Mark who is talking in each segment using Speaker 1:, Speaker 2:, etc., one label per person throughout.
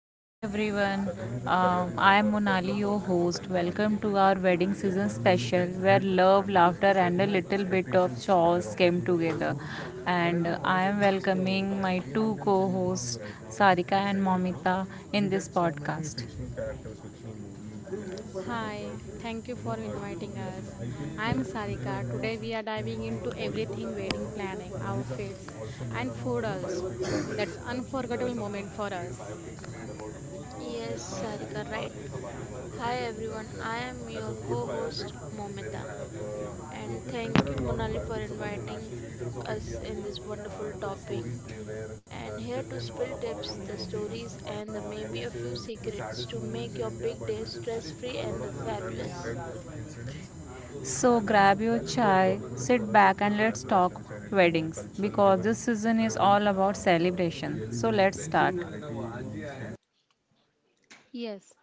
Speaker 1: Hey everyone, I am Monali, your host. Welcome to our wedding season special where love, laughter, and a little bit of chores came together. And I am welcoming my two co hosts, Sarika and Momita, in this podcast.
Speaker 2: Hi, thank you for inviting us. I'm Sarika. Today we are diving into everything wedding planning, outfits, and food also. That's unforgettable moment for us.
Speaker 3: Yes, Sarika, right. Hi everyone, I am your co-host Momita and thank you Monali for inviting us in this wonderful topic. And here to spill tips, the stories and the maybe a few secrets to make your big day stress-free and the fabulous.
Speaker 1: So grab your chai, sit back and let's talk weddings because this season is all about celebration. So let's start.
Speaker 2: Yes,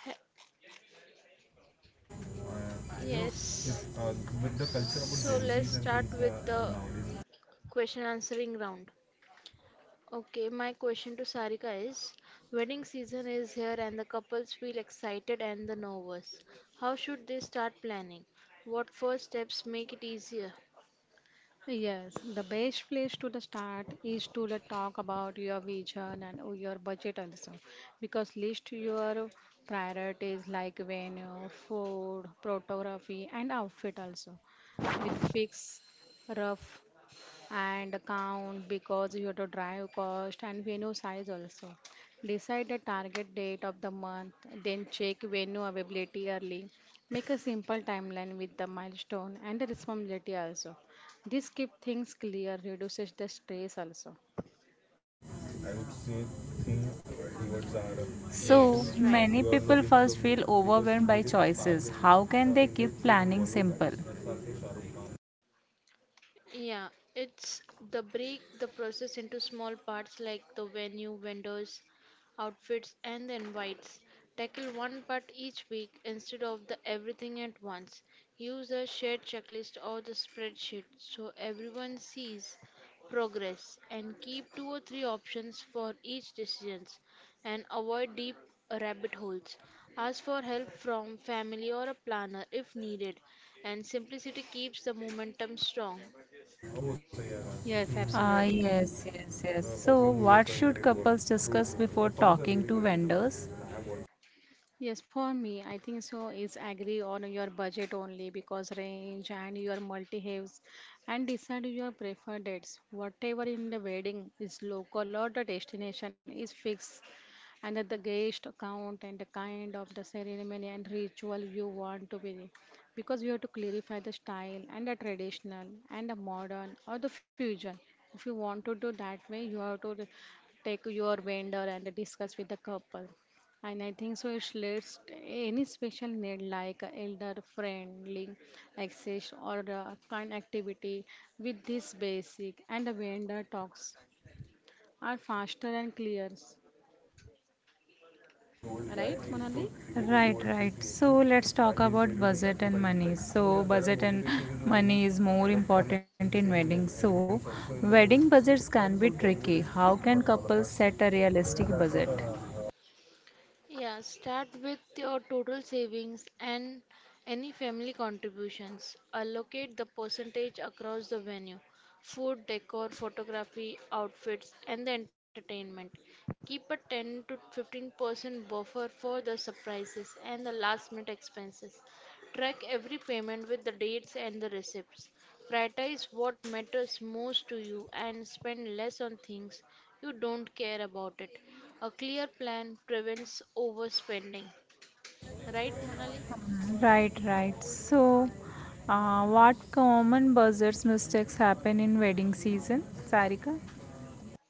Speaker 3: Ha- Yes. So let's start with the question answering round. Okay, my question to Sarika is wedding season is here and the couples feel excited and the nervous. How should they start planning? What first steps make it easier?
Speaker 2: yes. The best place to the start is to the talk about your vision and your budget also, because list your priorities like venue, food, photography, and outfit also with fixed rough and count because you have to drive cost and venue size also. Decide the target date of the month, then check venue availability early. Make a simple timeline with the milestone and the responsibility also. This keep things clear, reduces the stress also.
Speaker 3: Yes,
Speaker 1: So
Speaker 3: right.
Speaker 1: many people first feel overwhelmed by choices. How can they keep planning simple?
Speaker 3: Yeah, it's The break the process into small parts like the venue, vendors, outfits, and the invites. Tackle one part each week instead of the everything at once. Use a shared checklist or the spreadsheet so everyone sees progress and keep two or three options for each decisions and avoid deep rabbit holes. Ask for help from family or a planner if needed and simplicity keeps the momentum strong.
Speaker 2: Yes,
Speaker 1: Ah,
Speaker 2: absolutely.
Speaker 1: yes, yes, yes. So, what should couples discuss before talking to vendors?
Speaker 2: Yes, for me, I think so is agree on your budget only because range and your multi haves and decide your preferred dates. Whatever in the wedding is local or the destination is fixed and that the guest count and the kind of the ceremony and ritual you want to be because we have to clarify the style and the traditional and the modern or the fusion. If you want to do that way, you have to take your vendor and discuss with the couple and I think so it's list any special need like a elder friendly access or a kind activity with this basic and the vendor talks are faster and clear. Right, Monali?
Speaker 1: Right, right. So let's talk about budget and money. So budget and money is more important in wedding. So wedding budgets can be tricky. How can couples set a realistic budget?
Speaker 3: Yeah, start with your total savings and any family contributions. Allocate the percentage across the venue food, decor, photography, outfits, and the entertainment. Keep a 10 to 15% buffer for the surprises and the last minute expenses. Track every payment with the dates and the receipts. Prioritize what matters most to you and spend less on things you don't care about it. A clear plan prevents overspending, right, Monali?
Speaker 1: Right, right. So what common budgets mistakes happen in wedding season, Sarika?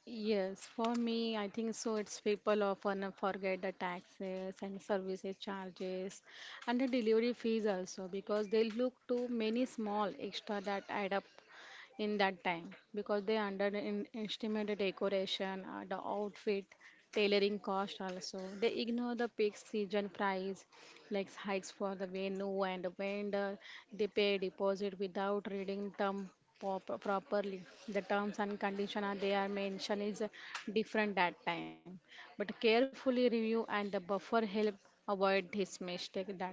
Speaker 2: Yes, for me, I think so. It's people often forget the taxes and services charges and the delivery fees also because they look to many small extra that add up in that time because they underestimate the decoration, the outfit, tailoring cost also. They ignore the peak season price, like hikes for the venue and the vendor. They pay deposit without reading properly. The terms and conditions they are mentioned is different that time. But carefully review and the buffer help avoid this mistake that time.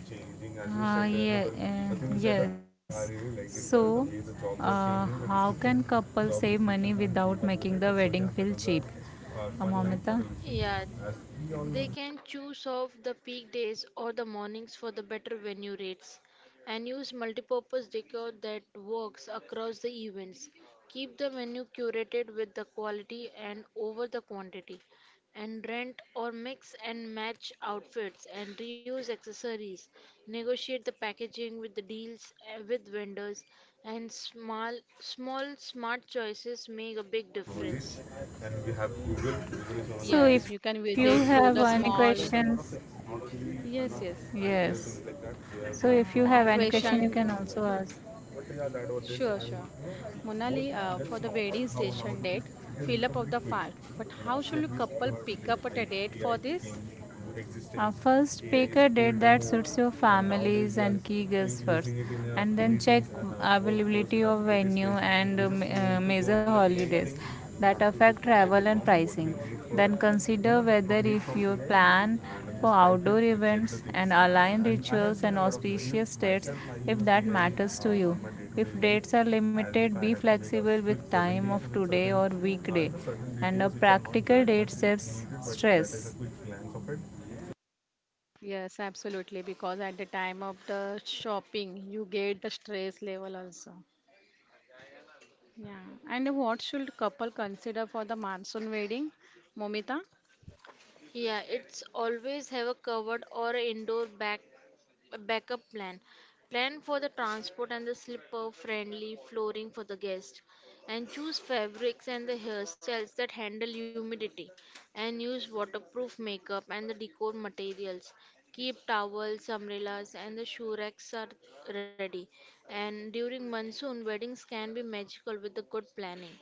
Speaker 1: uh, Ah, said, yeah, the- uh, yes. So, uh, how can different. Couples save money without making the wedding feel cheap? Final Momita?
Speaker 3: Yeah, they can choose off the peak days or the mornings for the better venue rates and use multipurpose decor that works across the events. Keep the menu curated with the quality and over the quantity and rent or mix and match outfits and reuse accessories. Negotiate the packaging with the deals with vendors and small smart choices make a big difference.
Speaker 1: So,
Speaker 2: Yes, you
Speaker 1: if
Speaker 2: can
Speaker 1: you
Speaker 2: visit to
Speaker 1: have
Speaker 2: the
Speaker 1: any
Speaker 2: small.
Speaker 1: questions,
Speaker 2: Yes.
Speaker 1: yes. So, if you
Speaker 2: My
Speaker 1: have any question,
Speaker 2: question
Speaker 1: you
Speaker 2: to
Speaker 1: can also ask.
Speaker 2: sure, sure. Monali, for the wedding station date, fill up of the
Speaker 1: Is
Speaker 2: fact, but how should a couple pick up at a date for this?
Speaker 1: Our first AI is speaker did that suits your families and key guests first, and then check availability of venue and we major holidays that affect travel and pricing. Then consider whether if your plan for outdoor events and align rituals and auspicious dates if that matters to you. If dates are limited, be flexible with time of today or weekday and a practical date saves stress.
Speaker 2: Yes, absolutely, because at the time of the shopping, you get the stress level also. Yeah, and what should couple consider for the monsoon wedding, Momita?
Speaker 3: Yeah, it's always have a covered or indoor back a backup plan. Plan for the transport and the slipper friendly flooring for the guest. And choose fabrics and the hairstyles that handle humidity. And use waterproof makeup and the decor materials. Keep towels, umbrellas, and the shoe racks are ready. And during monsoon, weddings can be magical with the good planning.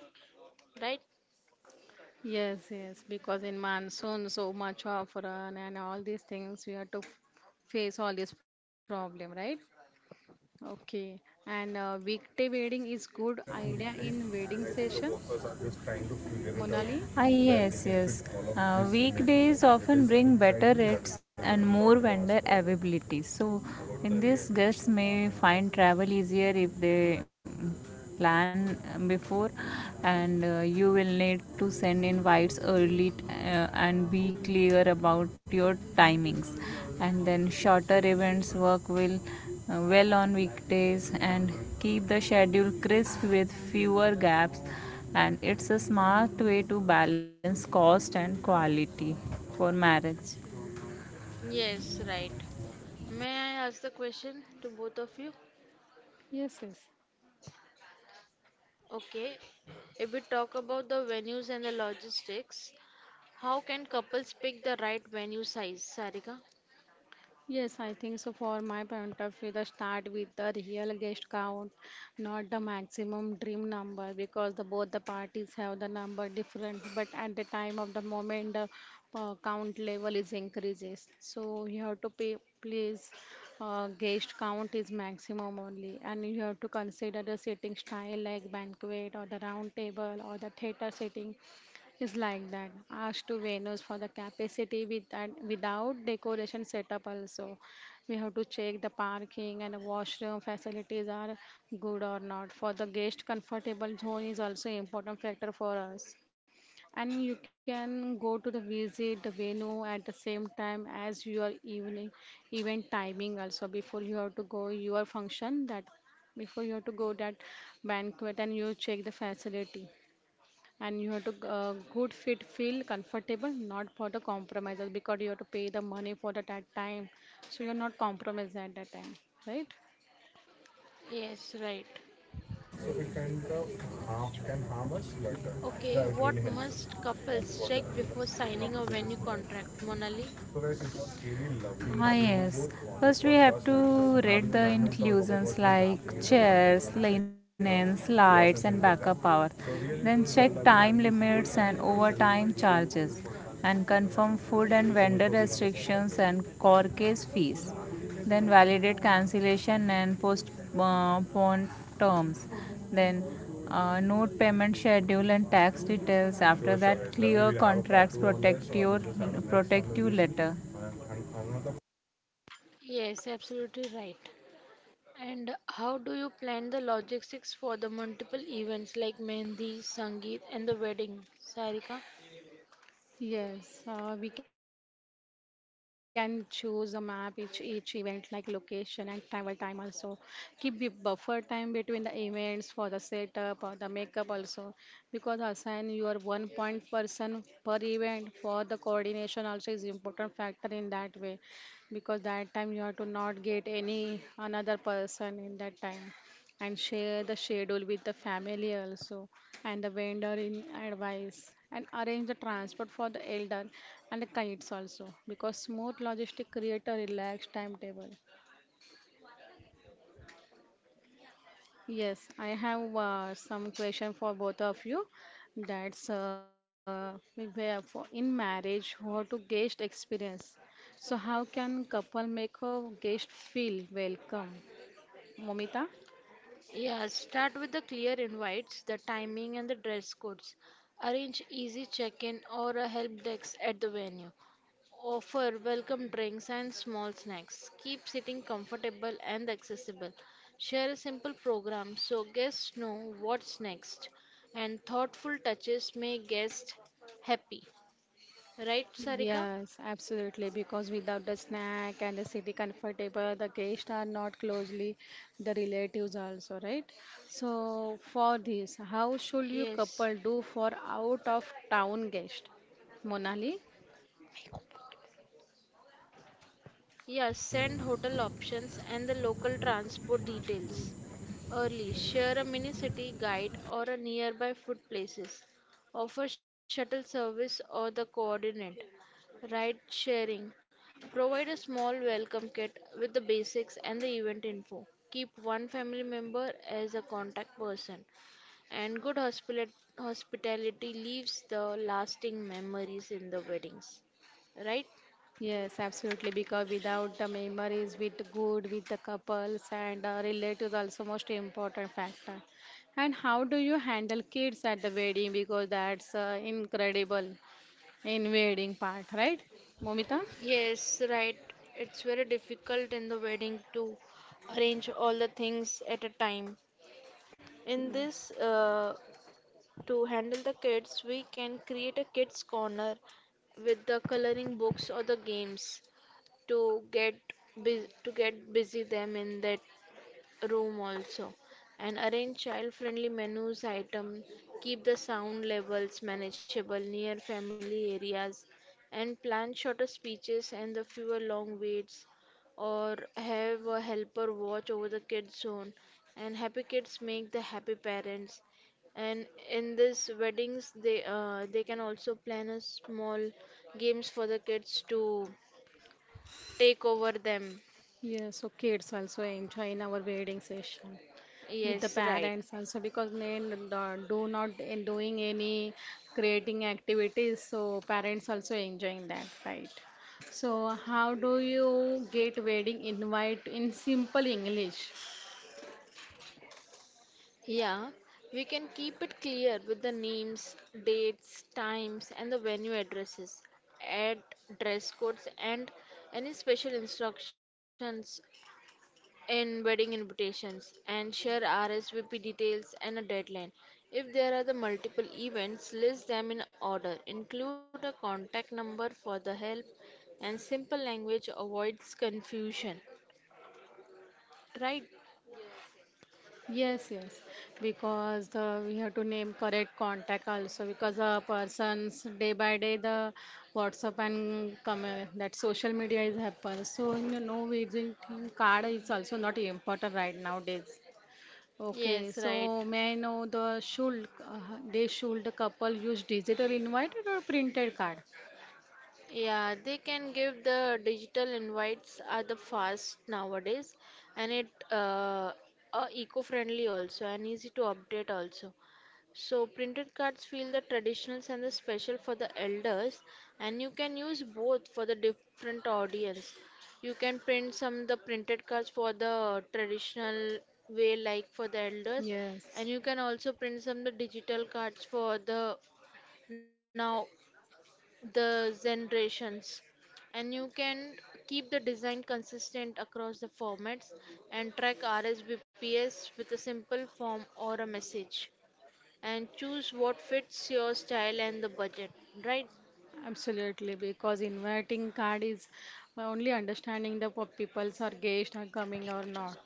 Speaker 3: Right?
Speaker 2: Yes, because in monsoon, so much of run and all these things, we have to face all this problem, right? Okay. And weekday wedding is good idea in wedding session, Monali?
Speaker 1: Yes. Weekdays often bring better rates and more vendor availability. So, in this, guests may find travel easier if they plan before, and you will need to send invites early and be clear about your timings. And then, shorter events work will well on weekdays and keep the schedule crisp with fewer gaps and it's a smart way to balance cost and quality for marriage.
Speaker 3: Yes, right. May I ask the question to both of you?
Speaker 2: Yes.
Speaker 3: Okay, if we talk about the venues and the logistics, how can couples pick the right venue size, Sarika?
Speaker 2: Yes, I think so. For my point of view, the start with the real guest count, not the maximum dream number, because the both the parties have the number different. But at the time of the moment, the count level is increases. So you have to pay, please. Guest count is maximum only, and you have to consider the seating style like banquet or the round table or the theater seating it's like that. Asked to Venus for the capacity with and without decoration setup also. We have to check the parking and washroom facilities are good or not. For the guest, comfortable zone is also important factor for us. And you can go to the visit the venue at the same time as your evening event timing also before you have to go your function that before you have to go that banquet and you check the facility and you have to good fit feel comfortable not for the compromises because you have to pay the money for the that time so you're not compromised at that time right.
Speaker 3: Yes, right. Okay, what must couples check before signing a venue contract, Monali?
Speaker 1: Yes. First, we have to read the inclusions like chairs, linens, lights, and backup power. Then, check time limits and overtime charges, and confirm food and vendor restrictions and corkage fees. Then validate cancellation and postpone terms then note payment schedule and tax details after that clear contracts protect you letter.
Speaker 3: Yes, absolutely right. And how do you plan the logistics for the multiple events like Mehndi, Sangeet, and the wedding, Sarika?
Speaker 2: Yes, we can choose a map each event like location and travel time also. Keep the buffer time between the events for the setup or the makeup also because assign your one point person per event for the coordination also is important factor in that way because that time you have to not get any another person in that time and share the schedule with the family also and the vendor in advice and arrange the transport for the elder and the kids also because smooth logistic create a relaxed timetable. Yes, I have some question for both of you. That's Where for in marriage how to guest experience, so how can couple make a guest feel welcome, Momita?
Speaker 3: Yeah, start with the clear invites, the timing and the dress codes. Arrange easy check-in or a help desk at the venue. Offer welcome drinks and small snacks. Keep seating comfortable and accessible. Share a simple program so guests know what's next. And thoughtful touches make guests happy. Right, Sarika?
Speaker 2: Yes, absolutely. Because without the snack and the city comfortable, the guests are not closely the relatives also, right? So for this, how should you
Speaker 3: Yes.
Speaker 2: couple do for out of town guest? Monali?
Speaker 3: Yes, send hotel options and the local transport details. Early, share a mini city guide or a nearby food places. Offer shuttle service or the coordinate. Ride sharing. Provide a small welcome kit with the basics and the event info. Keep one family member as a contact person. And good hospitality leaves the lasting memories in the weddings. Right?
Speaker 2: Yes, absolutely. Because without the memories with good with the couples and relatives also most important factor. And how do you handle kids at the wedding? Because that's incredible in wedding part, right, Momita?
Speaker 3: Yes, right. It's very difficult in the wedding to arrange all the things at a time. In this, to handle the kids, we can create a kids' corner with the coloring books or the games to to get busy them in that room also and arrange child friendly menus item keep the sound levels manageable near family areas and plan shorter speeches and the fewer long waits or have a helper watch over the kids zone and happy kids make the happy parents and in this weddings they can also plan a small games for the kids to take over them
Speaker 2: Yes, so kids also enjoy in our wedding session with the
Speaker 3: yes right.
Speaker 2: parents also because they do not in doing any creating activities, so parents also enjoying that, right? So how do you get wedding invite in simple English?
Speaker 3: Yeah, we can keep it clear with the names, dates, times, and the venue addresses, add dress codes, and any special instructions in wedding invitations, and share RSVP details and a deadline. If there are the multiple events, list them in order. Include a contact number for the help, and simple language avoids confusion. Right?
Speaker 2: Yes, because the we have to name correct contact also because a person's day by day the WhatsApp and come that social media is happen. So you know visiting card is also not important right nowadays. Okay,
Speaker 3: Yes,
Speaker 2: so
Speaker 3: right.
Speaker 2: may I know the should they should the couple use digital invite or printed card?
Speaker 3: Yeah, they can give the digital invites are the fast nowadays and it eco-friendly also and easy to update also. So printed cards feel the traditionals and the special for the elders and you can use both for the different audience. You can print some the printed cards for the traditional way like for the elders
Speaker 2: Yes,
Speaker 3: and you can also print some the digital cards for the now the generations and you can keep the design consistent across the formats and track RSVPs with a simple form or a message and choose what fits your style and the budget, right?
Speaker 2: absolutely. Because inviting card is my only understanding the people's are guests are coming or not.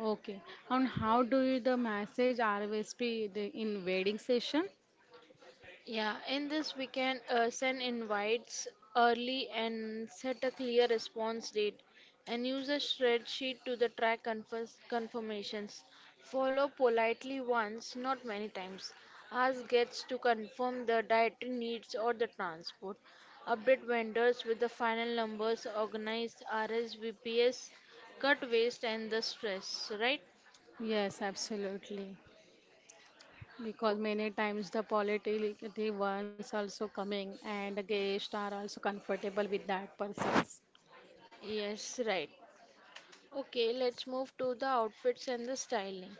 Speaker 2: Okay. And how do you the message RSVP the in wedding session?
Speaker 3: Yeah, in this we can send invites early and set a clear response date and use a spreadsheet to the track confirms confirmations. Follow politely once, not many times. Ask guests to confirm the dietary needs or the transport. Update vendors with the final numbers, organize RSVPs, cut waste and the stress, right?
Speaker 2: Yes, absolutely. Because many times the political the ones also coming and the guests are also comfortable with that person.
Speaker 3: Yes, right. Okay, let's move to the outfits and the styling.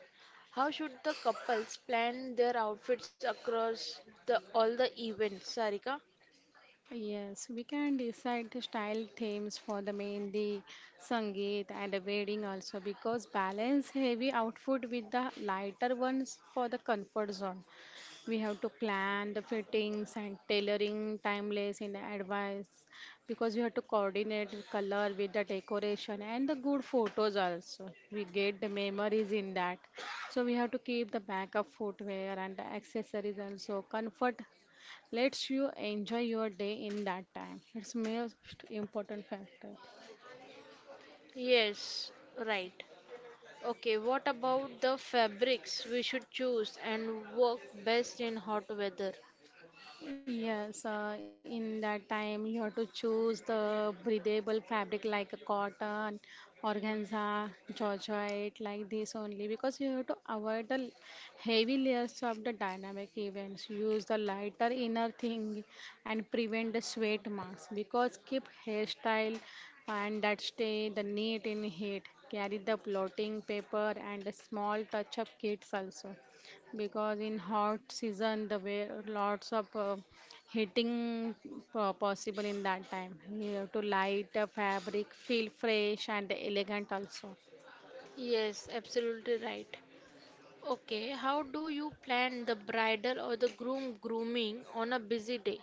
Speaker 3: How should the couples plan their outfits across the all the events, Sarika?
Speaker 2: Yes, we can decide the style themes for the mehndi, sangeet, and the wedding also because balance heavy outfit with the lighter ones for the comfort zone. We have to plan the fittings and tailoring timeless in advance because we have to coordinate the color with the decoration and the good photos also. We get the memories in that. So we have to keep the backup footwear and the accessories also. Comfort lets you enjoy your day in that time. It's most important factor.
Speaker 3: Yes, right. Okay, what about the fabrics we should choose and work best in hot weather?
Speaker 2: Yes, in that time you have to choose the breathable fabric like a cotton, organza, georgette, like this only because you have to avoid the heavy layers of the dynamic events. Use the lighter inner thing and prevent the sweat marks because keep hairstyle and that stay the neat in heat. Carry the blotting paper and a small touch of kits also because in hot season the way lots of heating possible in that time. You have to light the fabric, feel fresh and elegant also.
Speaker 3: Yes, absolutely right. Okay, how do you plan the bridal or the groom grooming on a busy day?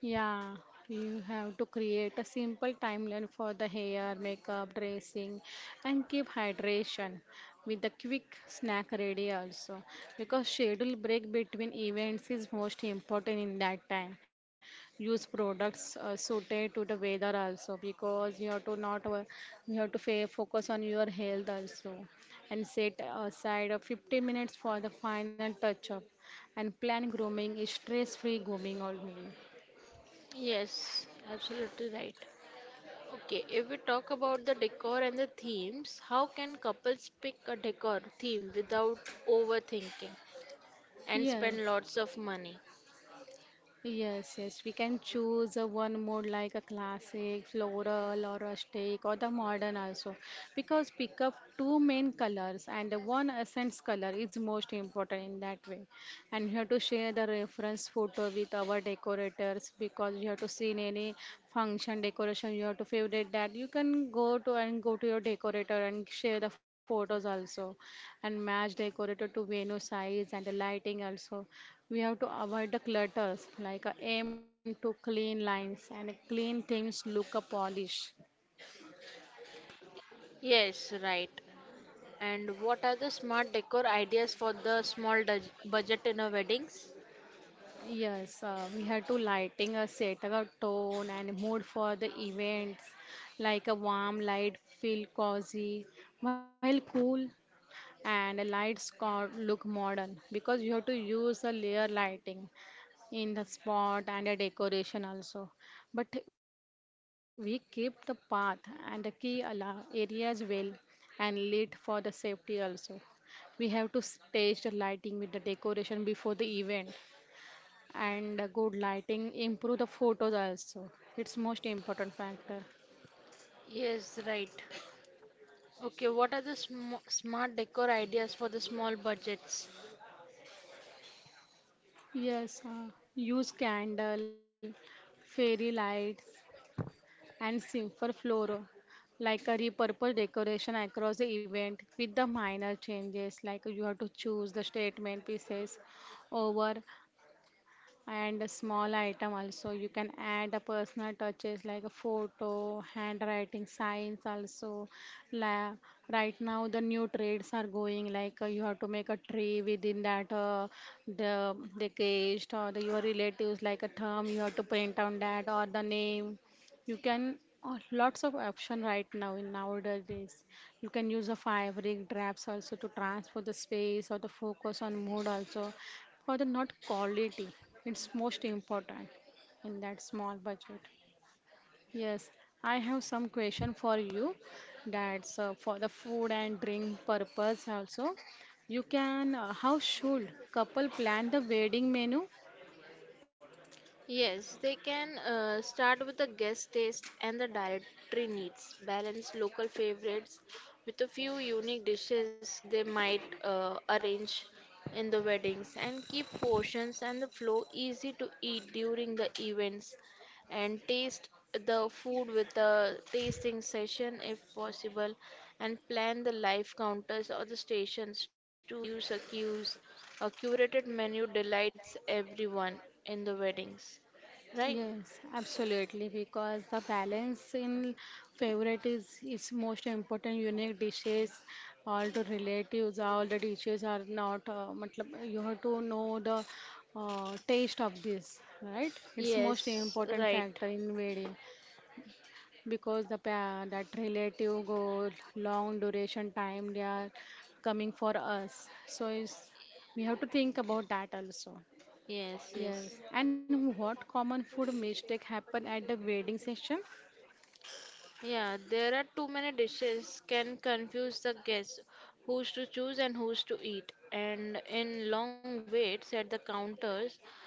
Speaker 2: Yeah, you have to create a simple timeline for the hair, makeup, dressing, and keep hydration with a quick snack ready also. Because schedule break between events is most important in that time. Use products suited to the weather also because you have to not you have to focus on your health also and set aside 15 minutes for the final touch up and plan grooming is stress free grooming only.
Speaker 3: Yes, absolutely right. Okay, if we talk about the decor and the themes, how can couples pick a decor theme without overthinking and
Speaker 2: Yes,
Speaker 3: spend lots of money?
Speaker 2: yes. We can choose a one more like a classic, floral, or rustic, or the modern also. Because pick up two main colors and one essence color is most important in that way. And you have to share the reference photo with our decorators because you have to see in any function decoration, you have to favorite that. You can go to and go to your decorator and share the photos also, and match decorator to venue size and the lighting also. We have to avoid the clutters, like aim to clean lines and clean things look a polish.
Speaker 3: Yes, right. And what are the smart decor ideas for the small budget in a weddings?
Speaker 2: Yes, we have to lighting a set a tone and mood for the events, like a warm light feel cozy, while cool and the look modern because you have to use a layer lighting in the spot and the decoration also but we keep the path and the key areas well and lit for the safety also. We have to stage the lighting with the decoration before the event and a good lighting improve the photos also. It's most important factor.
Speaker 3: Yes, right. Okay, what are the smart decor ideas for the small budgets?
Speaker 2: Yes, use candle fairy lights and simple floor like a repurposed decoration across the event with the minor changes like you have to choose the statement pieces over and a small item also. You can add a personal touches like a photo handwriting signs also. La- right now the new trades are going like you have to make a tree within that the guest or the your relatives like a thumb you have to print on that or the name you can lots of option right now in nowadays. You can use a fabric drapes also to transfer the space or the focus on mood also for the not quality. It's most important in that small budget. Yes, I have some question for you. That's for the food and drink purpose also. You can, how should couple plan the wedding menu?
Speaker 3: Yes, they can start with the guest taste and the dietary needs. Balance local favorites with a few unique dishes they might arrange in the weddings and keep portions and the flow easy to eat during the events and taste the food with a tasting session if possible and plan the live counters or the stations to reduce the queues a curated menu delights everyone in the weddings, right?
Speaker 2: Yes, absolutely. Because the balance in favorite is most important. Unique dishes, all the relatives, all the dishes are not. Matlab, you have to know the taste of this, right? It's most
Speaker 3: Yes,
Speaker 2: important
Speaker 3: right.
Speaker 2: factor in wedding because the that relative go long duration time they are coming for us so is we have to think about that also.
Speaker 3: Yes, yes.
Speaker 2: Yes, and what common food mistake happen at the wedding session?
Speaker 3: Yeah, there are too many dishes can confuse the guests who's to choose and who's to eat. And in long waits at the counters,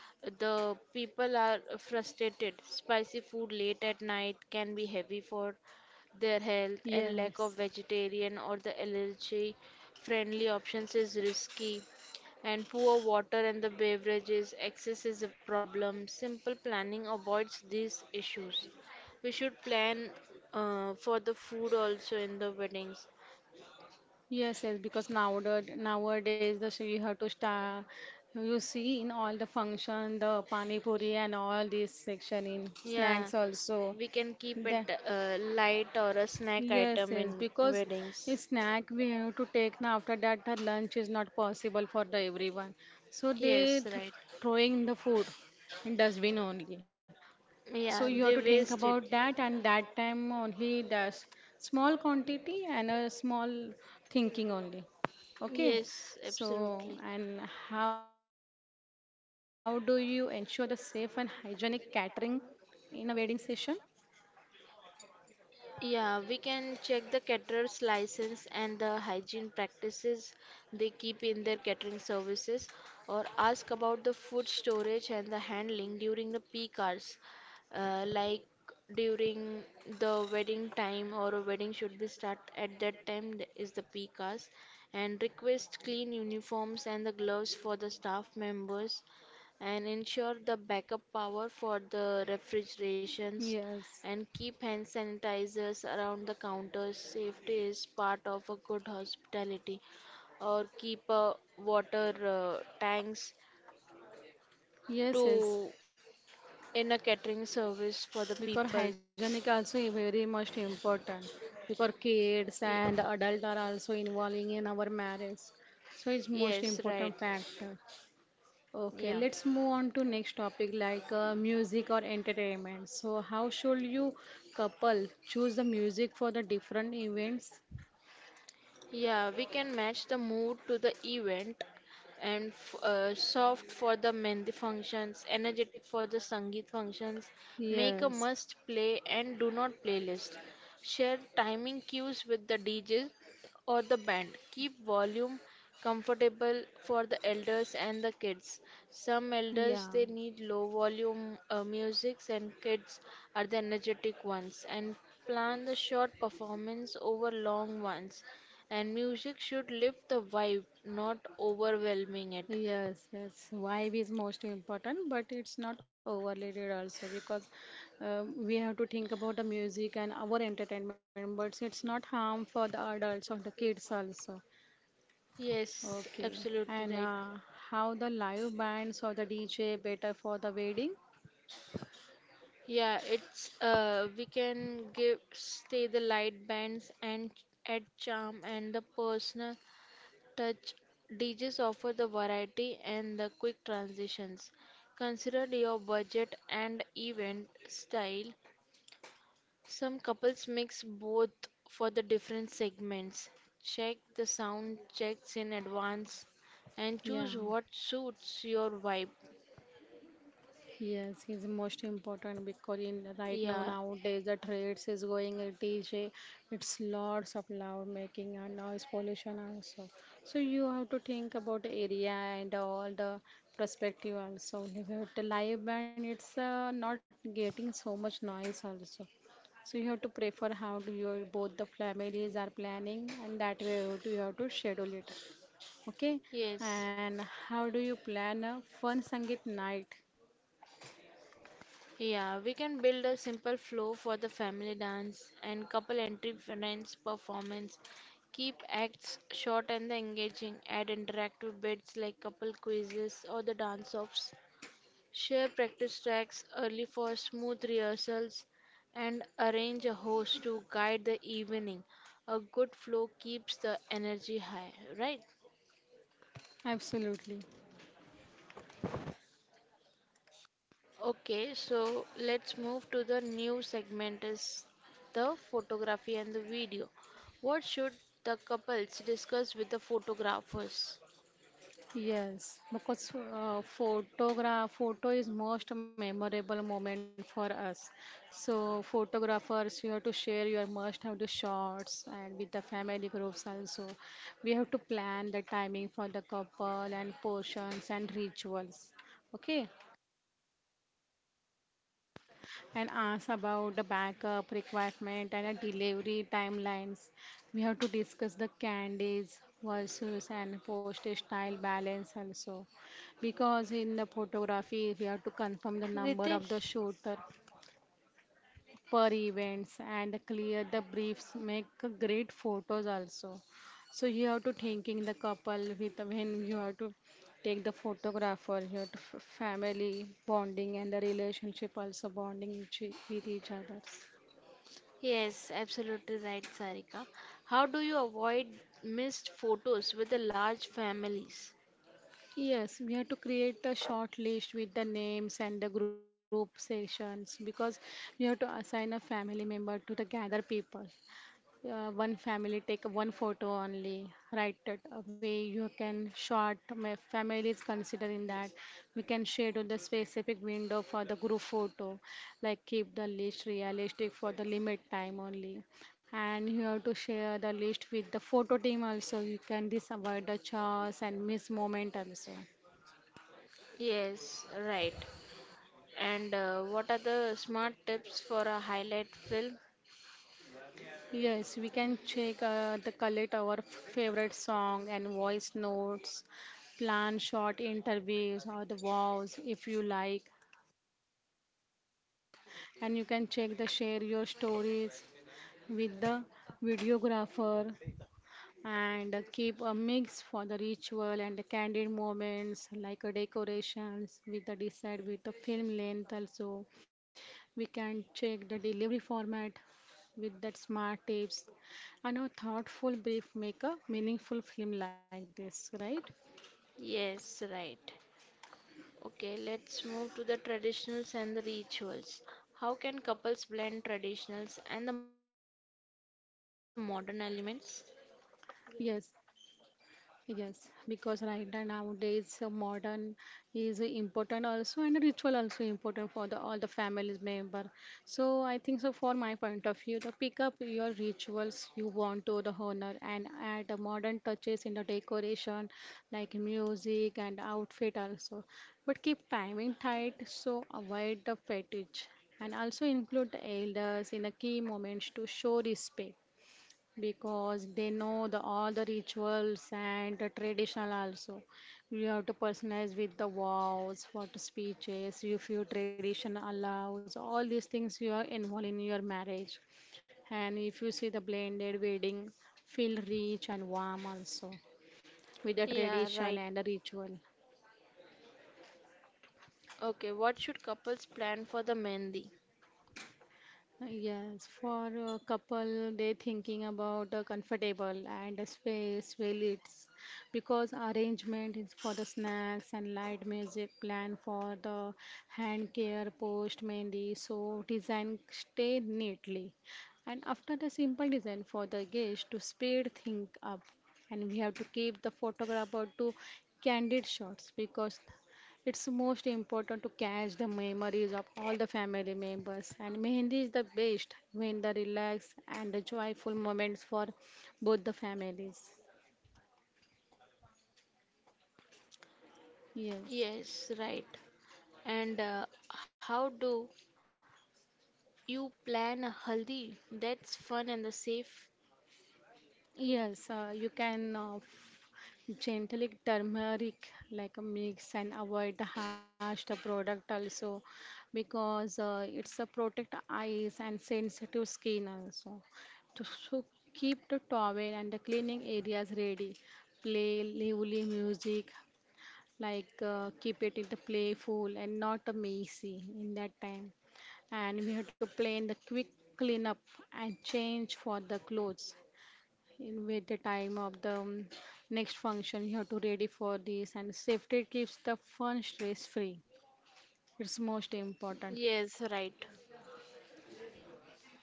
Speaker 3: the people are frustrated. Spicy food late at night can be heavy for their health, and lack of
Speaker 2: Yes.
Speaker 3: vegetarian or the allergy friendly options is risky. And poor water and the beverages excess is a problem. Simple planning avoids these issues. We should plan for the food also in the weddings.
Speaker 2: Yes, yes, because nowadays the so you have to start. You see in all the function, the pani puri and all this section in
Speaker 3: Yeah,
Speaker 2: snacks also.
Speaker 3: we can keep it
Speaker 2: That.
Speaker 3: light or a snack
Speaker 2: Yes,
Speaker 3: item
Speaker 2: yes,
Speaker 3: in
Speaker 2: because a
Speaker 3: weddings.
Speaker 2: snack we have to take now after that the lunch is not possible for the everyone. So they
Speaker 3: Yes,
Speaker 2: th
Speaker 3: right.
Speaker 2: throwing the food in dustbin only. So you have
Speaker 3: Yeah,
Speaker 2: to
Speaker 3: they
Speaker 2: think about
Speaker 3: waste it.
Speaker 2: that and that time only the small quantity and a small thinking only. Okay.
Speaker 3: Yes,
Speaker 2: So
Speaker 3: absolutely.
Speaker 2: and how do you ensure the safe and hygienic catering in a wedding session?
Speaker 3: Yeah, we can check the caterer's license and the hygiene practices they keep in their catering services, or ask about the food storage and the handling during the peak hours, like during the wedding time or a wedding should be start at that time is the peak hours, and request clean uniforms and the gloves for the staff members and ensure the backup power for the refrigerations
Speaker 2: Yes.
Speaker 3: and keep hand sanitizers around the counters. Safety is part of a good hospitality. Or keep water tanks
Speaker 2: Yes,
Speaker 3: to
Speaker 2: yes.
Speaker 3: in a catering service for the
Speaker 2: Because
Speaker 3: peoples.
Speaker 2: hygienic also is very much important because
Speaker 3: Y-
Speaker 2: kids and adult are also involving in our marriage. So it's
Speaker 3: yes,
Speaker 2: most
Speaker 3: right.
Speaker 2: important factor.
Speaker 3: Yeah.
Speaker 2: Okay, let's move on to next topic like music or entertainment. So how should you couple choose the music for the different events?
Speaker 3: Yeah, we can match the mood to the event and soft for the mehndi functions, energetic for the sangeet functions. Make a
Speaker 2: Yes.
Speaker 3: must play and do not playlist. Share timing cues with the DJ or the band. Keep volume comfortable for the elders and the kids. Some elders
Speaker 2: Yeah.
Speaker 3: they need low volume musics and kids are the energetic ones and plan the short performance over long ones and music should lift the vibe, not overwhelming it.
Speaker 2: Yes, yes. Vibe is most important, but it's not overrated also because we have to think about the music and our entertainment, but it's not harm for the adults or the kids also.
Speaker 3: Yes,
Speaker 2: Okay.
Speaker 3: absolutely
Speaker 2: And
Speaker 3: right.
Speaker 2: how the live bands or the DJ better for the wedding?
Speaker 3: Yeah, it's we can give stay the light bands and add charm and the personal touch. DJs offer the variety and the quick transitions. Consider your budget and event style. Some couples mix both for the different segments, check the sound checks in advance, and
Speaker 2: Yeah.
Speaker 3: choose what suits your vibe.
Speaker 2: Yes, he's most important because in right now
Speaker 3: Yeah,
Speaker 2: nowadays the trades is going a DJ. It's lots of loud making and noise pollution also. So you have to think about the area and all the perspective also. With the live band, it's not getting so much noise also. So you have to prefer how do your both the families are planning and that way you have to schedule it. Okay,
Speaker 3: yes.
Speaker 2: and how do you plan a fun Sangeet night?
Speaker 3: Yeah, we can build a simple flow for the family dance and couple entry friends performance. Keep acts short and the engaging. Add interactive bits like couple quizzes or the dance offs. Share practice tracks early for smooth rehearsals and arrange a host to guide the evening. A good flow keeps the energy high, right?
Speaker 2: Absolutely.
Speaker 3: Okay, so let's move to the new segment is the photography and the video. What should the couples discuss with the photographers?
Speaker 2: Yes, because photo is most memorable moment for us. So photographers, you have to share your must have the shots and with the family groups also. We have to plan the timing for the couple and portions and rituals. Okay, and ask about the backup requirement and a delivery timelines. We have to discuss the candies versus and postage style balance also because in the photography we have to confirm the number of
Speaker 3: Ritesh,
Speaker 2: the shooter per events and clear the briefs make a great photos also, so you have to thinking the couple with when you have to take the photographer, you have to family bonding and the relationship also bonding each, with each others.
Speaker 3: yes, absolutely right, Sarika. How do you avoid missed photos with the large families?
Speaker 2: Yes, we have to create a short list with the names and the group sessions because we have to assign a family member to the gather people. Yeah, one family take one photo only, right? That way you can short. My family is considering that we can schedule the specific window for the group photo, like keep the list realistic for the limit time only, and you have to share the list with the photo team also. You can disavoid the chores and miss moment also.
Speaker 3: Yes, right. And what are the smart tips for a highlight film?
Speaker 2: Yes, we can check the collect our favorite song and voice notes, plan short interviews or the vows if you like, and you can check the share your stories with the videographer and keep a mix for the ritual and the candid moments like a decorations with the decide with the film length also, we can check the delivery format with that smart tips and a thoughtful brief make a meaningful film like this, right?
Speaker 3: Yes, right. Okay, let's move to the traditionals and the rituals. How can couples blend traditionals and the modern elements?
Speaker 2: Yes. Yes, because right now nowadays modern is important also and ritual also important for the all the families member. So I think so for my point of view, the pick up your rituals you want to the honor and add the modern touches in the decoration like music and outfit also. But keep timing tight so avoid the fetish, and also include the elders in the key moments to show respect because they know the all the rituals and the traditional also. You have to personalize with the vows for the speeches if your tradition allows all these things you are involved in your marriage, and if you see the blended wedding feel rich and warm also with the
Speaker 3: Yeah,
Speaker 2: tradition
Speaker 3: right.
Speaker 2: and the ritual.
Speaker 3: Okay, what should couples plan for the mehndi?
Speaker 2: Yes, for a couple, they thinking about a comfortable and a space well because arrangement is for the snacks and light music plan for the hand care post mehendi so design stay neatly, and after the simple design for the guest to speed things up, and we have to keep the photographer to candid shots because it's most important to catch the memories of all the family members, and mehendi is the best when the relaxed and the joyful moments for both the families. Yes,
Speaker 3: Yes, right. And how do you plan a haldi that's fun and the safe?
Speaker 2: yes, you can, gently turmeric like a mix and avoid the harsh the product also because it's a protect eyes and sensitive skin also. To so keep the towel and the cleaning areas ready. Play lively music like, keep it in the playful and not a messy in that time. And we have to plan the quick cleanup and change for the clothes in with the time of the next function you have to ready for this, and safety keeps the fun stress free. It's most important.
Speaker 3: Yes, right.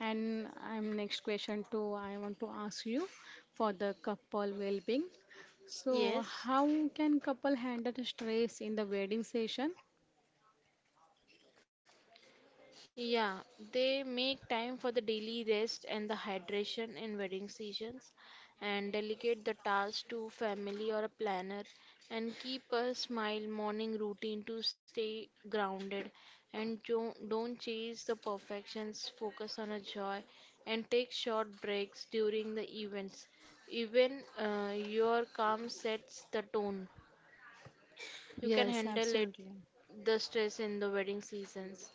Speaker 2: And I'm next question too, I want to ask you for the couple well-being, so how
Speaker 3: Yes.
Speaker 2: can couple handle the stress in the wedding session?
Speaker 3: Yeah, they make time for the daily rest and the hydration in wedding seasons and delegate the task to family or a planner and keep a smile morning routine to stay grounded and don't chase the perfections, focus on a joy and take short breaks during the events. Even your calm sets the tone. You can
Speaker 2: Yes,
Speaker 3: handle it,
Speaker 2: absolutely.
Speaker 3: the stress in the wedding seasons.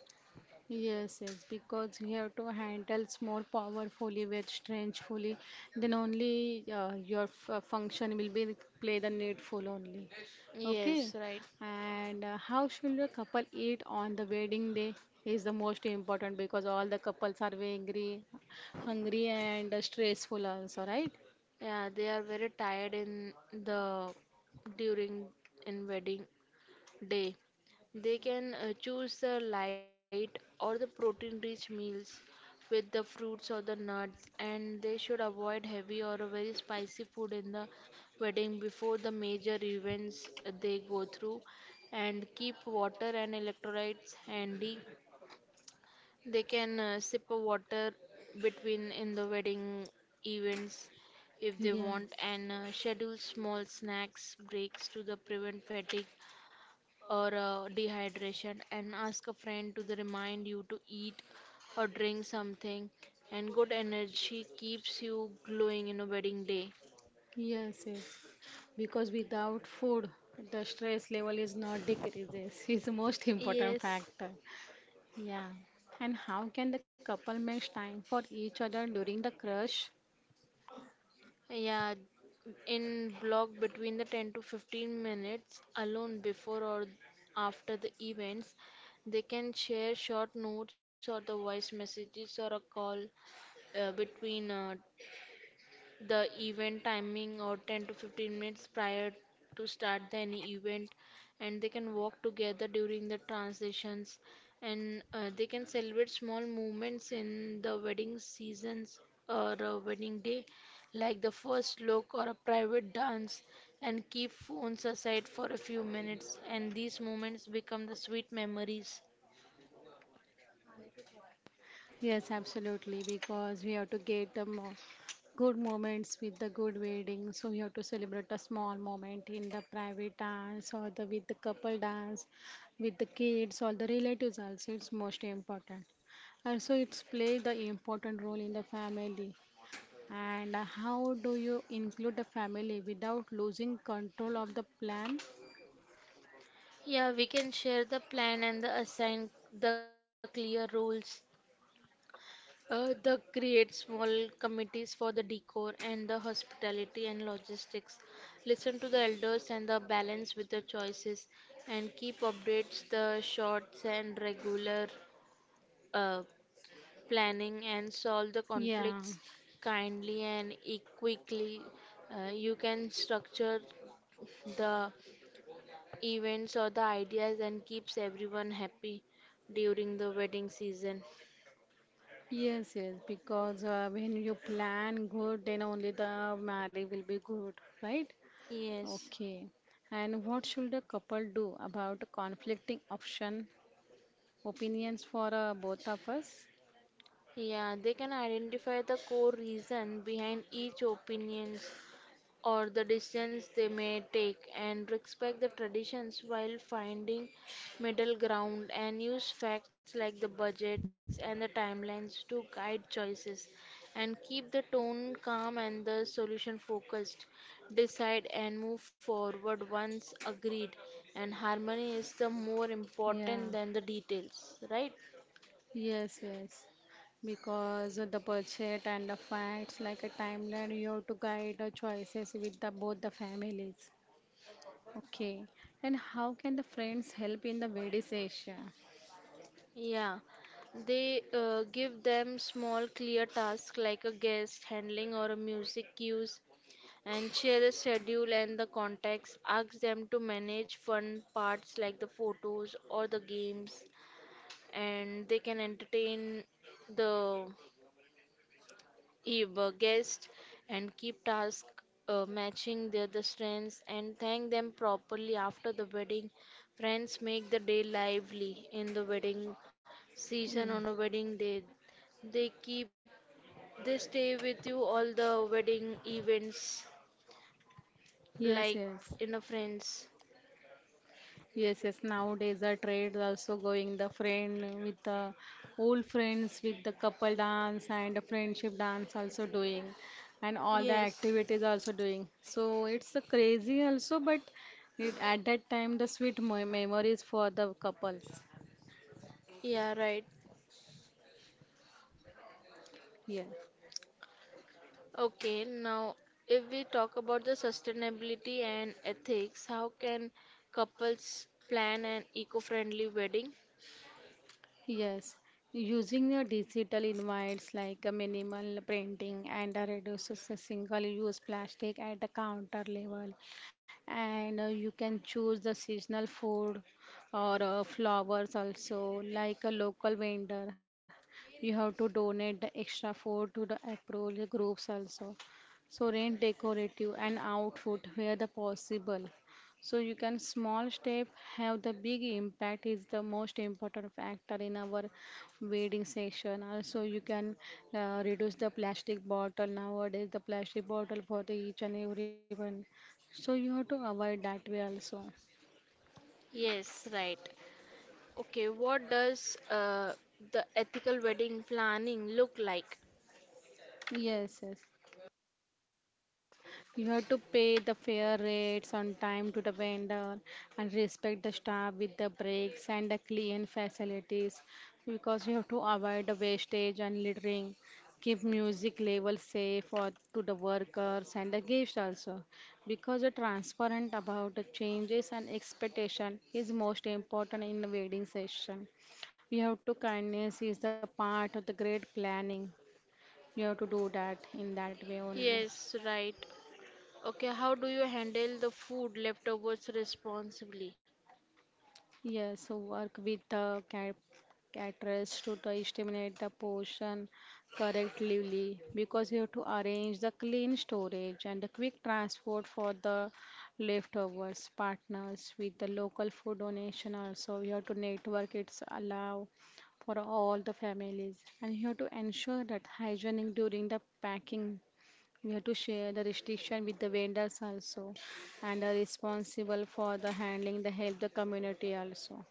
Speaker 2: Yes, yes, because you have to handles more powerfully with strengthfully, then only your function will be play the needful only. Okay,
Speaker 3: Yes, right.
Speaker 2: and how should a couple eat on the wedding day is the most important because all the couples are very angry, hungry and stressful also, right?
Speaker 3: Yeah, they are very tired in the during in wedding day. They can choose the light or the protein-rich meals with the fruits or the nuts, and they should avoid heavy or a very spicy food in the wedding before the major events they go through, and keep water and electrolytes handy they can sip a water between in the wedding events if they want and schedule small snacks breaks to the
Speaker 2: Yes.
Speaker 3: prevent fatigue or dehydration and ask a friend to the remind you to eat or drink something and good energy keeps you glowing in a wedding day.
Speaker 2: Yes, yes. Because without food, the stress level is not decreases. It's the most important
Speaker 3: Yes.
Speaker 2: factor. Yeah. And how can the couple make time for each other during the crush?
Speaker 3: Yeah, in block between the 10 to 15 minutes alone before or after the events, they can share short notes or the voice messages or a call between the event timing or 10 to 15 minutes prior to start the any event and they can walk together during the transitions and they can celebrate small moments in the wedding seasons or a wedding day like the first look or a private dance and keep phones aside for a few minutes and these moments become the sweet memories.
Speaker 2: Yes, absolutely, because we have to get the mo good moments with the good wedding. So we have to celebrate a small moment in the private dance or the with the couple dance, with the kids or the relatives also. It's most important. Also, it's play the important role in the family. And how do you include the family without losing control of the plan?
Speaker 3: Yeah, we can share the plan and the assign the clear roles. The create small committees for the decor and the hospitality and logistics. Listen to the elders and the balance with the choices and keep updates the shorts and regular uh, planning and solve the
Speaker 2: Yeah.
Speaker 3: conflicts kindly and quickly. You can structure the events or the ideas and keeps everyone happy during the wedding season.
Speaker 2: Yes, yes, because when you plan good, then only the marriage will be good, right?
Speaker 3: Yes.
Speaker 2: Okay. And what should a couple do about conflicting option opinions for both of us?
Speaker 3: Yeah, they can identify the core reason behind each opinions or the decisions they may take and respect the traditions while finding middle ground and use facts like the budgets and the timelines to guide choices and keep the tone calm and the solution focused decide and move forward once agreed and harmony is the more
Speaker 2: Yeah.
Speaker 3: important than the details, right?
Speaker 2: Yes, yes. Because of the budget and the facts, like a timeline, you have to guide the choices with the both the families. Okay. And how can the friends help in the wedding session?
Speaker 3: Yeah, they give them small clear tasks like a guest handling or a music cues and share the schedule and the context. Ask them to manage fun parts like the photos or the games and they can entertain the Eve guest and keep task matching their the strengths and thank them properly after the wedding. Friends make the day lively in the wedding season
Speaker 2: Mm.
Speaker 3: on a wedding day. They keep they stay with you all the wedding events like
Speaker 2: Yes, yes.
Speaker 3: in a friends.
Speaker 2: Yes, yes. Nowadays, the trade also going the friend with the old friends with the couple dance and the friendship dance also doing, and all the
Speaker 3: Yes.
Speaker 2: activities also doing. So it's a crazy also, but it, at that time the sweet mo memories for the couples.
Speaker 3: Yeah, right.
Speaker 2: Yes.
Speaker 3: Okay, now if we talk about the sustainability and ethics, how can couples plan an eco-friendly wedding?
Speaker 2: Yes, using your digital invites like a minimal printing and a reduces a single-use plastic at the counter level, and you can choose the seasonal food or flowers also like a local vendor. You have to donate the extra food to the appropriate groups also. So rent decorative and outfit where the possible so you can small step have the big impact is the most important factor in our wedding section. Also you can reduce the plastic bottle nowadays the plastic bottle for the each and everyone. So you have to avoid that way also.
Speaker 3: Yes, right. Okay, what does the ethical wedding planning look like?
Speaker 2: Yes, yes. You have to pay the fair rates on time to the vendor and respect the staff with the breaks and the clean facilities because you have to avoid the wastage and littering. Keep music level safe for to the workers and the guests also because the transparent about the changes and expectation is most important in the wedding session. You have to kindness is the part of the great planning. You have to do that in that way only.
Speaker 3: Yes, right. Okay, how do you handle the food leftovers responsibly?
Speaker 2: Yes, so work with the caterers to the estimate the portion correctly because you have to arrange the clean storage and the quick transport for the leftovers partners with the local food donation also. You have to network it's allow for all the families, and you have to ensure that hygienic during the packing. We have to share the restriction with the vendors also, and are responsible for the handling the help the community also.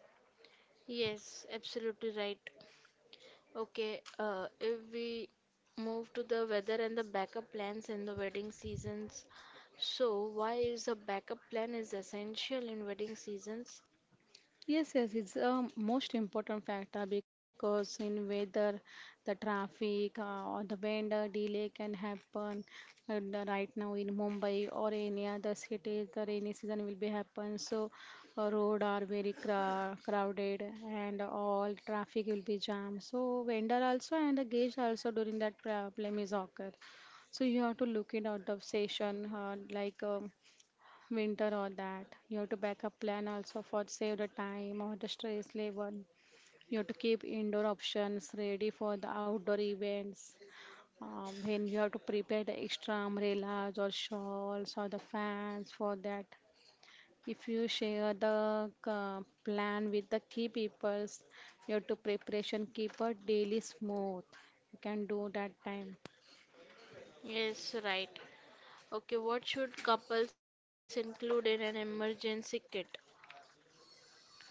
Speaker 3: Yes, absolutely right. Okay, if we move to the weather and the backup plans in the wedding seasons, so why is a backup plan is essential in wedding seasons?
Speaker 2: Yes, yes, it's a most important factor because in weather, the traffic or the vendor delay can happen. And right now in Mumbai or any other cities, the rainy season will be happen. So road are very cra crowded and all traffic will be jammed. So vendor also and the guest also during that problem is occur. So you have to look it out of session like. Winter or that. You have to backup plan also for save the time or the stress level. You have to keep indoor options ready for the outdoor events. Then you have to prepare the extra umbrellas or shawls or the fans for that. If you share the plan with the key peoples, you have to preparation keep a daily smooth. You can do that time.
Speaker 3: Yes, right. Okay, what should couples include in an emergency kit?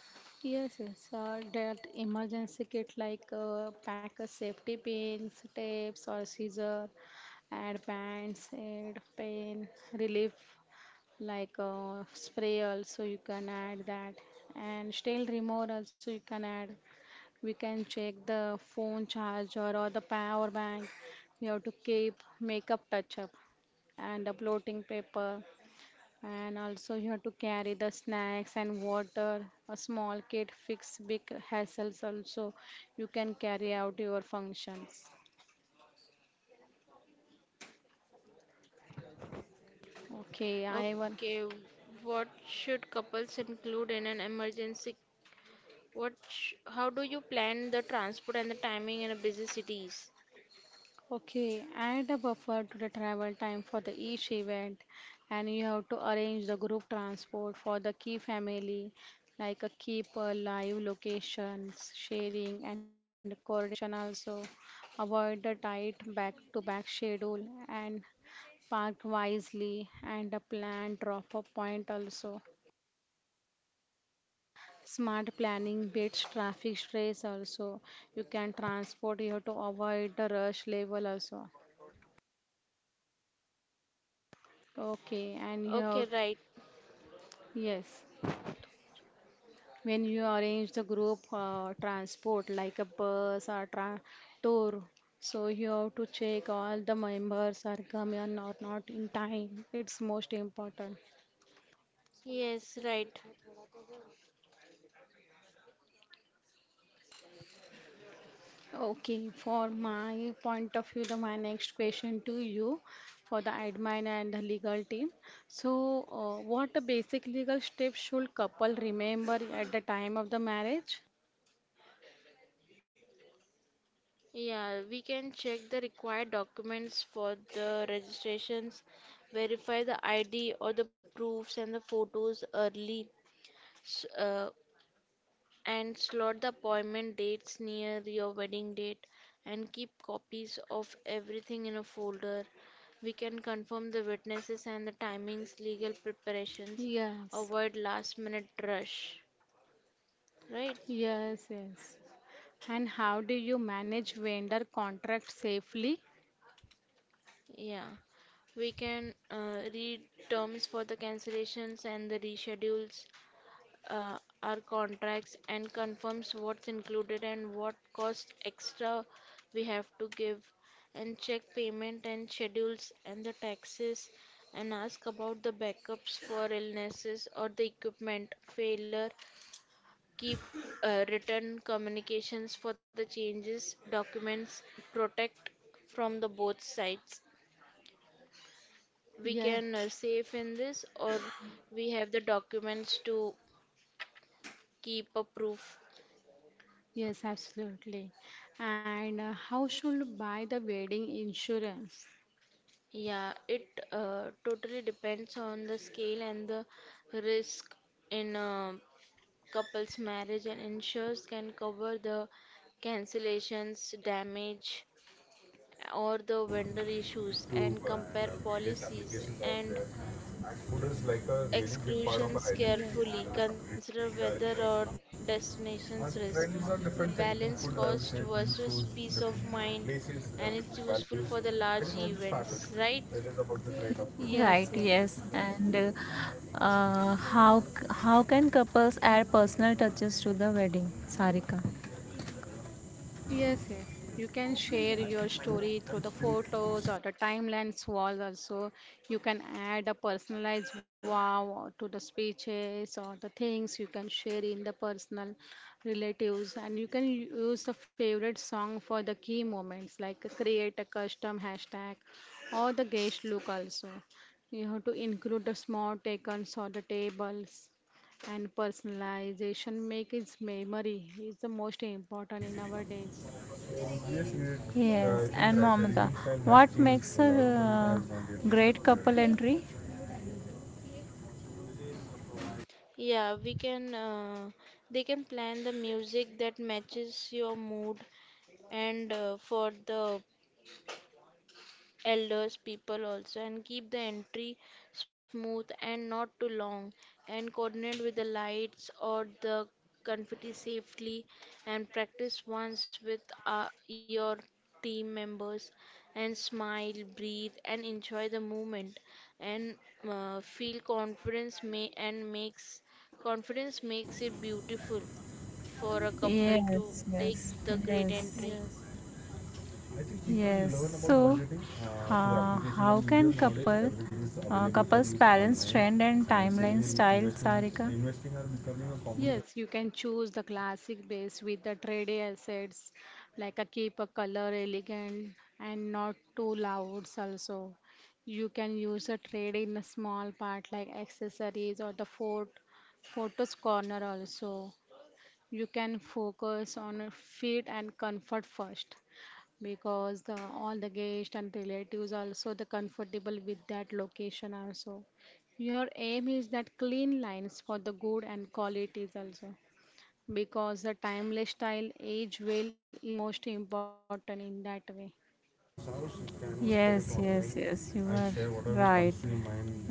Speaker 2: Yes, yes, that emergency kit like pack of safety pins, tapes or scissor, and bands, and pain relief like spray also you can add that and still remote also you can add. We can check the phone charger or the power bank. We have to keep makeup touch up and a bloating paper and also you have to carry the snacks and water. A small kit fix big hassles also. You can carry out your functions. Okay, I will.
Speaker 3: Okay, what should couples include in an emergency? What? Sh How do you plan the transport and the timing in a busy cities?
Speaker 2: Okay, add a buffer to the travel time for the each event, and you have to arrange the group transport for the key family, like a keep a live locations, sharing and coordination also. Avoid the tight back-to-back schedule and Park wisely and a plan drop-off point also. Smart planning beats traffic stress also. You can transport, you have to avoid the rush level also. Okay, and you
Speaker 3: Okay,
Speaker 2: have,
Speaker 3: right.
Speaker 2: yes, when you arrange the group transport like a bus or tra tour, so you have to check all the members are coming or not in time. It's most important.
Speaker 3: Yes, right.
Speaker 2: Okay, for my point of view, the my next question to you for the admin and the legal team. So, what the basic legal steps should couple remember at the time of the marriage?
Speaker 3: Yeah, we can check the required documents for the registrations, verify the ID or the proofs and the photos early, s- uh, and slot the appointment dates near your wedding date, and keep copies of everything in a folder. We can confirm the witnesses and the timings, legal preparations,
Speaker 2: Yes,
Speaker 3: avoid last minute rush, right?
Speaker 2: yes, yes. And how do you manage vendor contract safely?
Speaker 3: Yeah, we can read terms for the cancellations and the reschedules, our contracts, and confirms what's included and what cost extra we have to give, and check payment and schedules and the taxes, and ask about the backups for illnesses or the equipment failure. Keep written communications for the changes, documents, protect from the both sides we can
Speaker 2: Yes.
Speaker 3: save in this or we have the documents to keep a proof.
Speaker 2: Yes, absolutely. And how should buy the wedding insurance?
Speaker 3: Yeah, it totally depends on the scale and the risk in a couple's marriage and insurers can cover the cancellations damage or the vendor issues and compare policies and exclusions
Speaker 2: Yes.
Speaker 3: carefully, consider weather or destination's risk, balance cost versus peace of mind, and it's useful for the large events, right?
Speaker 1: Right,
Speaker 2: Yes,
Speaker 1: yes.
Speaker 2: yes.
Speaker 1: And how can couples add personal touches to the wedding? Sarika.
Speaker 2: Yes, yes. You can share your story through the photos or the timelines walls also. You can add a personalized wow to the speeches or the things you can share in the personal relatives and you can use the favorite song for the key moments like create a custom hashtag or the guest look also. You have to include the small icons or the tables and personalization makes memory is the most important in our days.
Speaker 1: Yes, and Mamata. What makes a great couple entry?
Speaker 3: Yeah, they can plan the music that matches your mood and for the elders, people also, and keep the entry smooth and not too long, and coordinate with the lights or the confetti safely, and practice once with your team members, and smile, breathe, and enjoy the moment, and feel confidence may and makes confidence makes it beautiful for a couple to
Speaker 1: Yes,
Speaker 3: take
Speaker 1: yes,
Speaker 3: the great
Speaker 1: yes.
Speaker 3: entry.
Speaker 2: Yes.
Speaker 1: Yes. So, how can couple couples balance trend and timeline style, Sarika?
Speaker 2: Yes, you can choose the classic base with the trade assets like a keep a color elegant and not too loud also. You can use a trade in a small part like accessories or the fort photos corner also. You can focus on a fit and comfort first. Because all the guests and relatives also the comfortable with that location also. Your aim is that clean lines for the good and qualities also because the timeless style age well is most important in that way.
Speaker 1: Yes, yes, yes, you are right.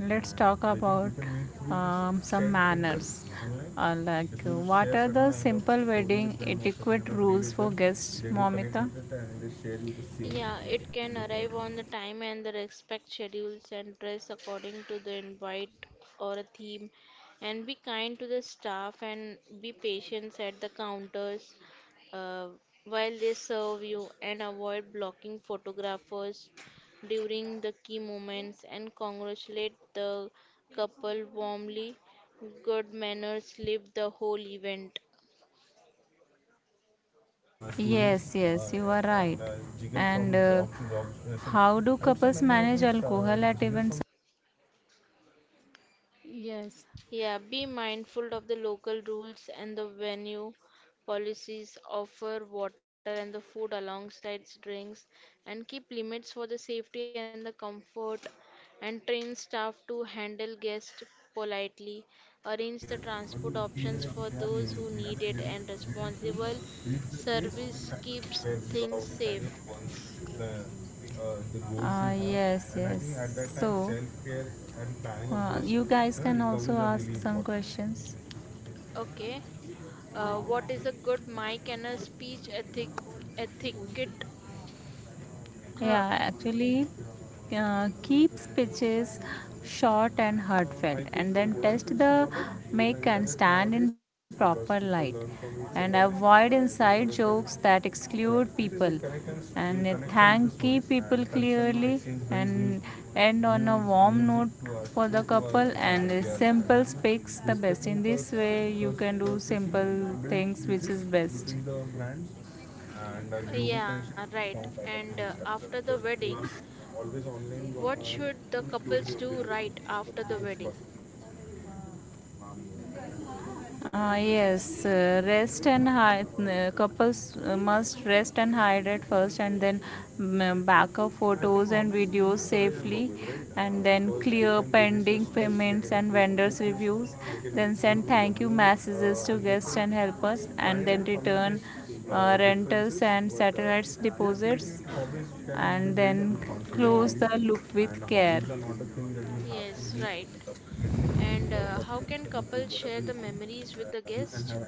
Speaker 1: Let's talk about some manners. What are the simple wedding etiquette rules for guests, Momita?
Speaker 3: Yeah, it can
Speaker 1: Uh,
Speaker 3: arrive on the time and the respect schedules and dress according to the invite or a theme and be kind to the staff and be patient at the counters uh, while they serve you and avoid blocking photographers during the key moments and congratulate the couple warmly. Good manners live the whole event.
Speaker 1: Yes, yes, you are right. And uh, how do couples manage alcohol at events
Speaker 2: Yes,
Speaker 3: Yeah, be mindful of the local rules and the venue policies. Offer water and the food alongside drinks, and keep limits for the safety and the comfort. And train staff to handle guests politely. Arrange the transport options for those who need it, and responsible service keeps things safe.
Speaker 1: you guys questions.
Speaker 3: Okay. What is a good mic and a speech ethic etiquette? Um.
Speaker 1: Yeah, actually, Keep speeches short and heartfelt, and then test the make and stand in proper light, and avoid inside jokes that exclude people, and thank key people clearly, and end on a warm note for the couple. And simple speaks the best. In this way, you can do simple things, which is best.
Speaker 3: Yeah, right. And after the wedding, what should the couples do right after the wedding?
Speaker 1: Couples must rest and hydrate first, and then back up photos and videos safely, and then clear pending payments and vendors reviews. Then send thank you messages to guests and helpers, and then return rentals and satellites deposits, and then close
Speaker 2: yes,
Speaker 1: the loop with care.
Speaker 3: Yes, right. And how can couples share the memories with the guest?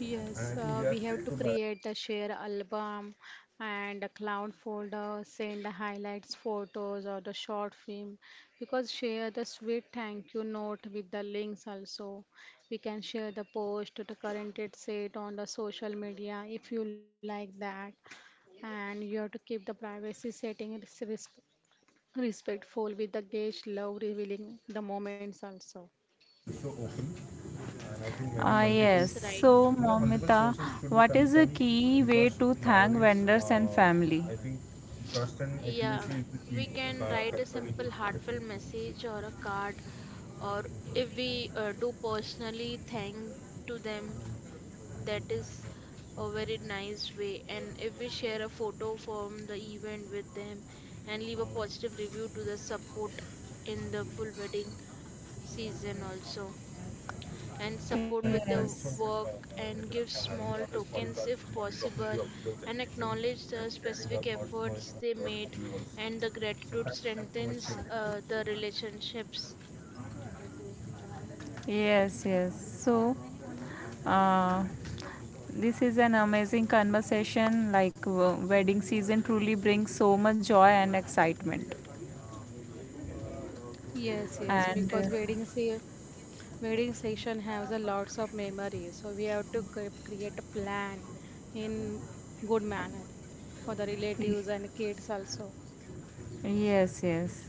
Speaker 2: yes, we have to create the share album and a cloud folder, send the highlights photos or the short film because share the sweet thank you note with the links also. We can share the post to the current it set on the social media if you like that. And you have to keep the privacy setting respectful with the guest love revealing the moments also.
Speaker 1: Ah, multiple,
Speaker 3: Yes,
Speaker 1: yes.
Speaker 3: right.
Speaker 1: So, there key way because to thank.
Speaker 3: Yeah, we can write a simple heartfelt message or a card, or if we do personally thank to them. That is a very nice way. And if we share a photo from the event with them and leave a positive review to the support in the full wedding season also. And support with the work and give small tokens if possible and acknowledge the specific efforts they made and the gratitude strengthens the relationships.
Speaker 1: Yes, yes. So, uh, this is an amazing conversation. Wedding season truly brings so much joy and excitement.
Speaker 2: Yes, yes,
Speaker 1: And
Speaker 2: because weddings here. Wedding session has a lots of memories, so we have to create a plan in good manner for the
Speaker 1: y-
Speaker 2: relatives and kids also.
Speaker 1: yes, yes.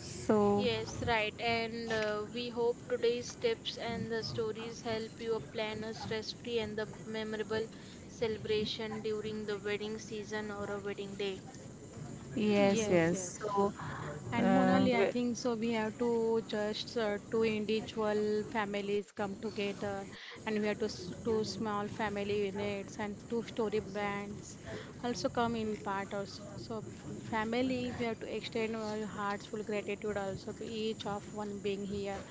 Speaker 1: So,
Speaker 3: Yes, right. And we hope today's tips and the stories help you plan a stress-free and the memorable celebration during the wedding season or a wedding day.
Speaker 1: yes,
Speaker 2: Yes, yes.
Speaker 1: yes. So,
Speaker 2: And
Speaker 1: uh,
Speaker 2: Monali, I
Speaker 1: w-
Speaker 2: think so. We have to just two individual families come together, and we have to two small family units and two-story brands also come in part also. So family, we have to extend our heartful gratitude also to each of one being here.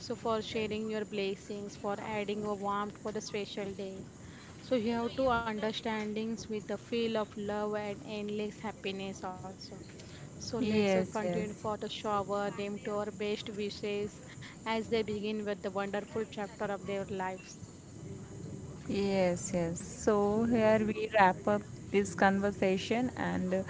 Speaker 2: So for sharing your blessings, for adding a warmth for the special day. So you have to understandings with the feel of love and endless happiness also. So let's
Speaker 1: yes,
Speaker 2: continue
Speaker 1: yes.
Speaker 2: for the shower, name to our best wishes as they begin with the wonderful chapter of their lives.
Speaker 1: Yes, yes. So
Speaker 2: Yes.
Speaker 1: here we wrap up this conversation and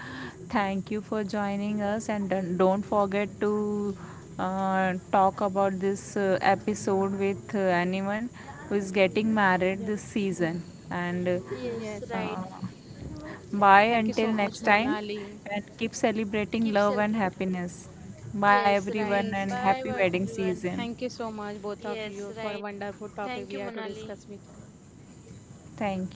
Speaker 1: thank you for joining us and don't forget to talk about this episode with anyone who is getting married
Speaker 2: Yeah.
Speaker 1: this season and
Speaker 3: Yes,
Speaker 2: Yes. Yes.
Speaker 3: right.
Speaker 1: uh, bye
Speaker 2: Thank you
Speaker 1: until
Speaker 2: so
Speaker 1: next
Speaker 2: much,
Speaker 1: time
Speaker 2: Monali.
Speaker 1: and keep celebrating
Speaker 3: Keep
Speaker 1: love and
Speaker 3: celebrating.
Speaker 1: happiness. Bye
Speaker 3: Yes, right.
Speaker 1: everyone
Speaker 2: Yes,
Speaker 1: and
Speaker 2: yes.
Speaker 3: Bye bye
Speaker 1: happy wedding
Speaker 3: everyone.
Speaker 1: season.
Speaker 2: Thank you so much, both of
Speaker 3: Yes,
Speaker 2: you, for
Speaker 3: right.
Speaker 2: a wonderful
Speaker 3: Thank
Speaker 2: topic
Speaker 3: you,
Speaker 2: we have to
Speaker 3: Monali.
Speaker 2: discuss with you.
Speaker 1: Thank you.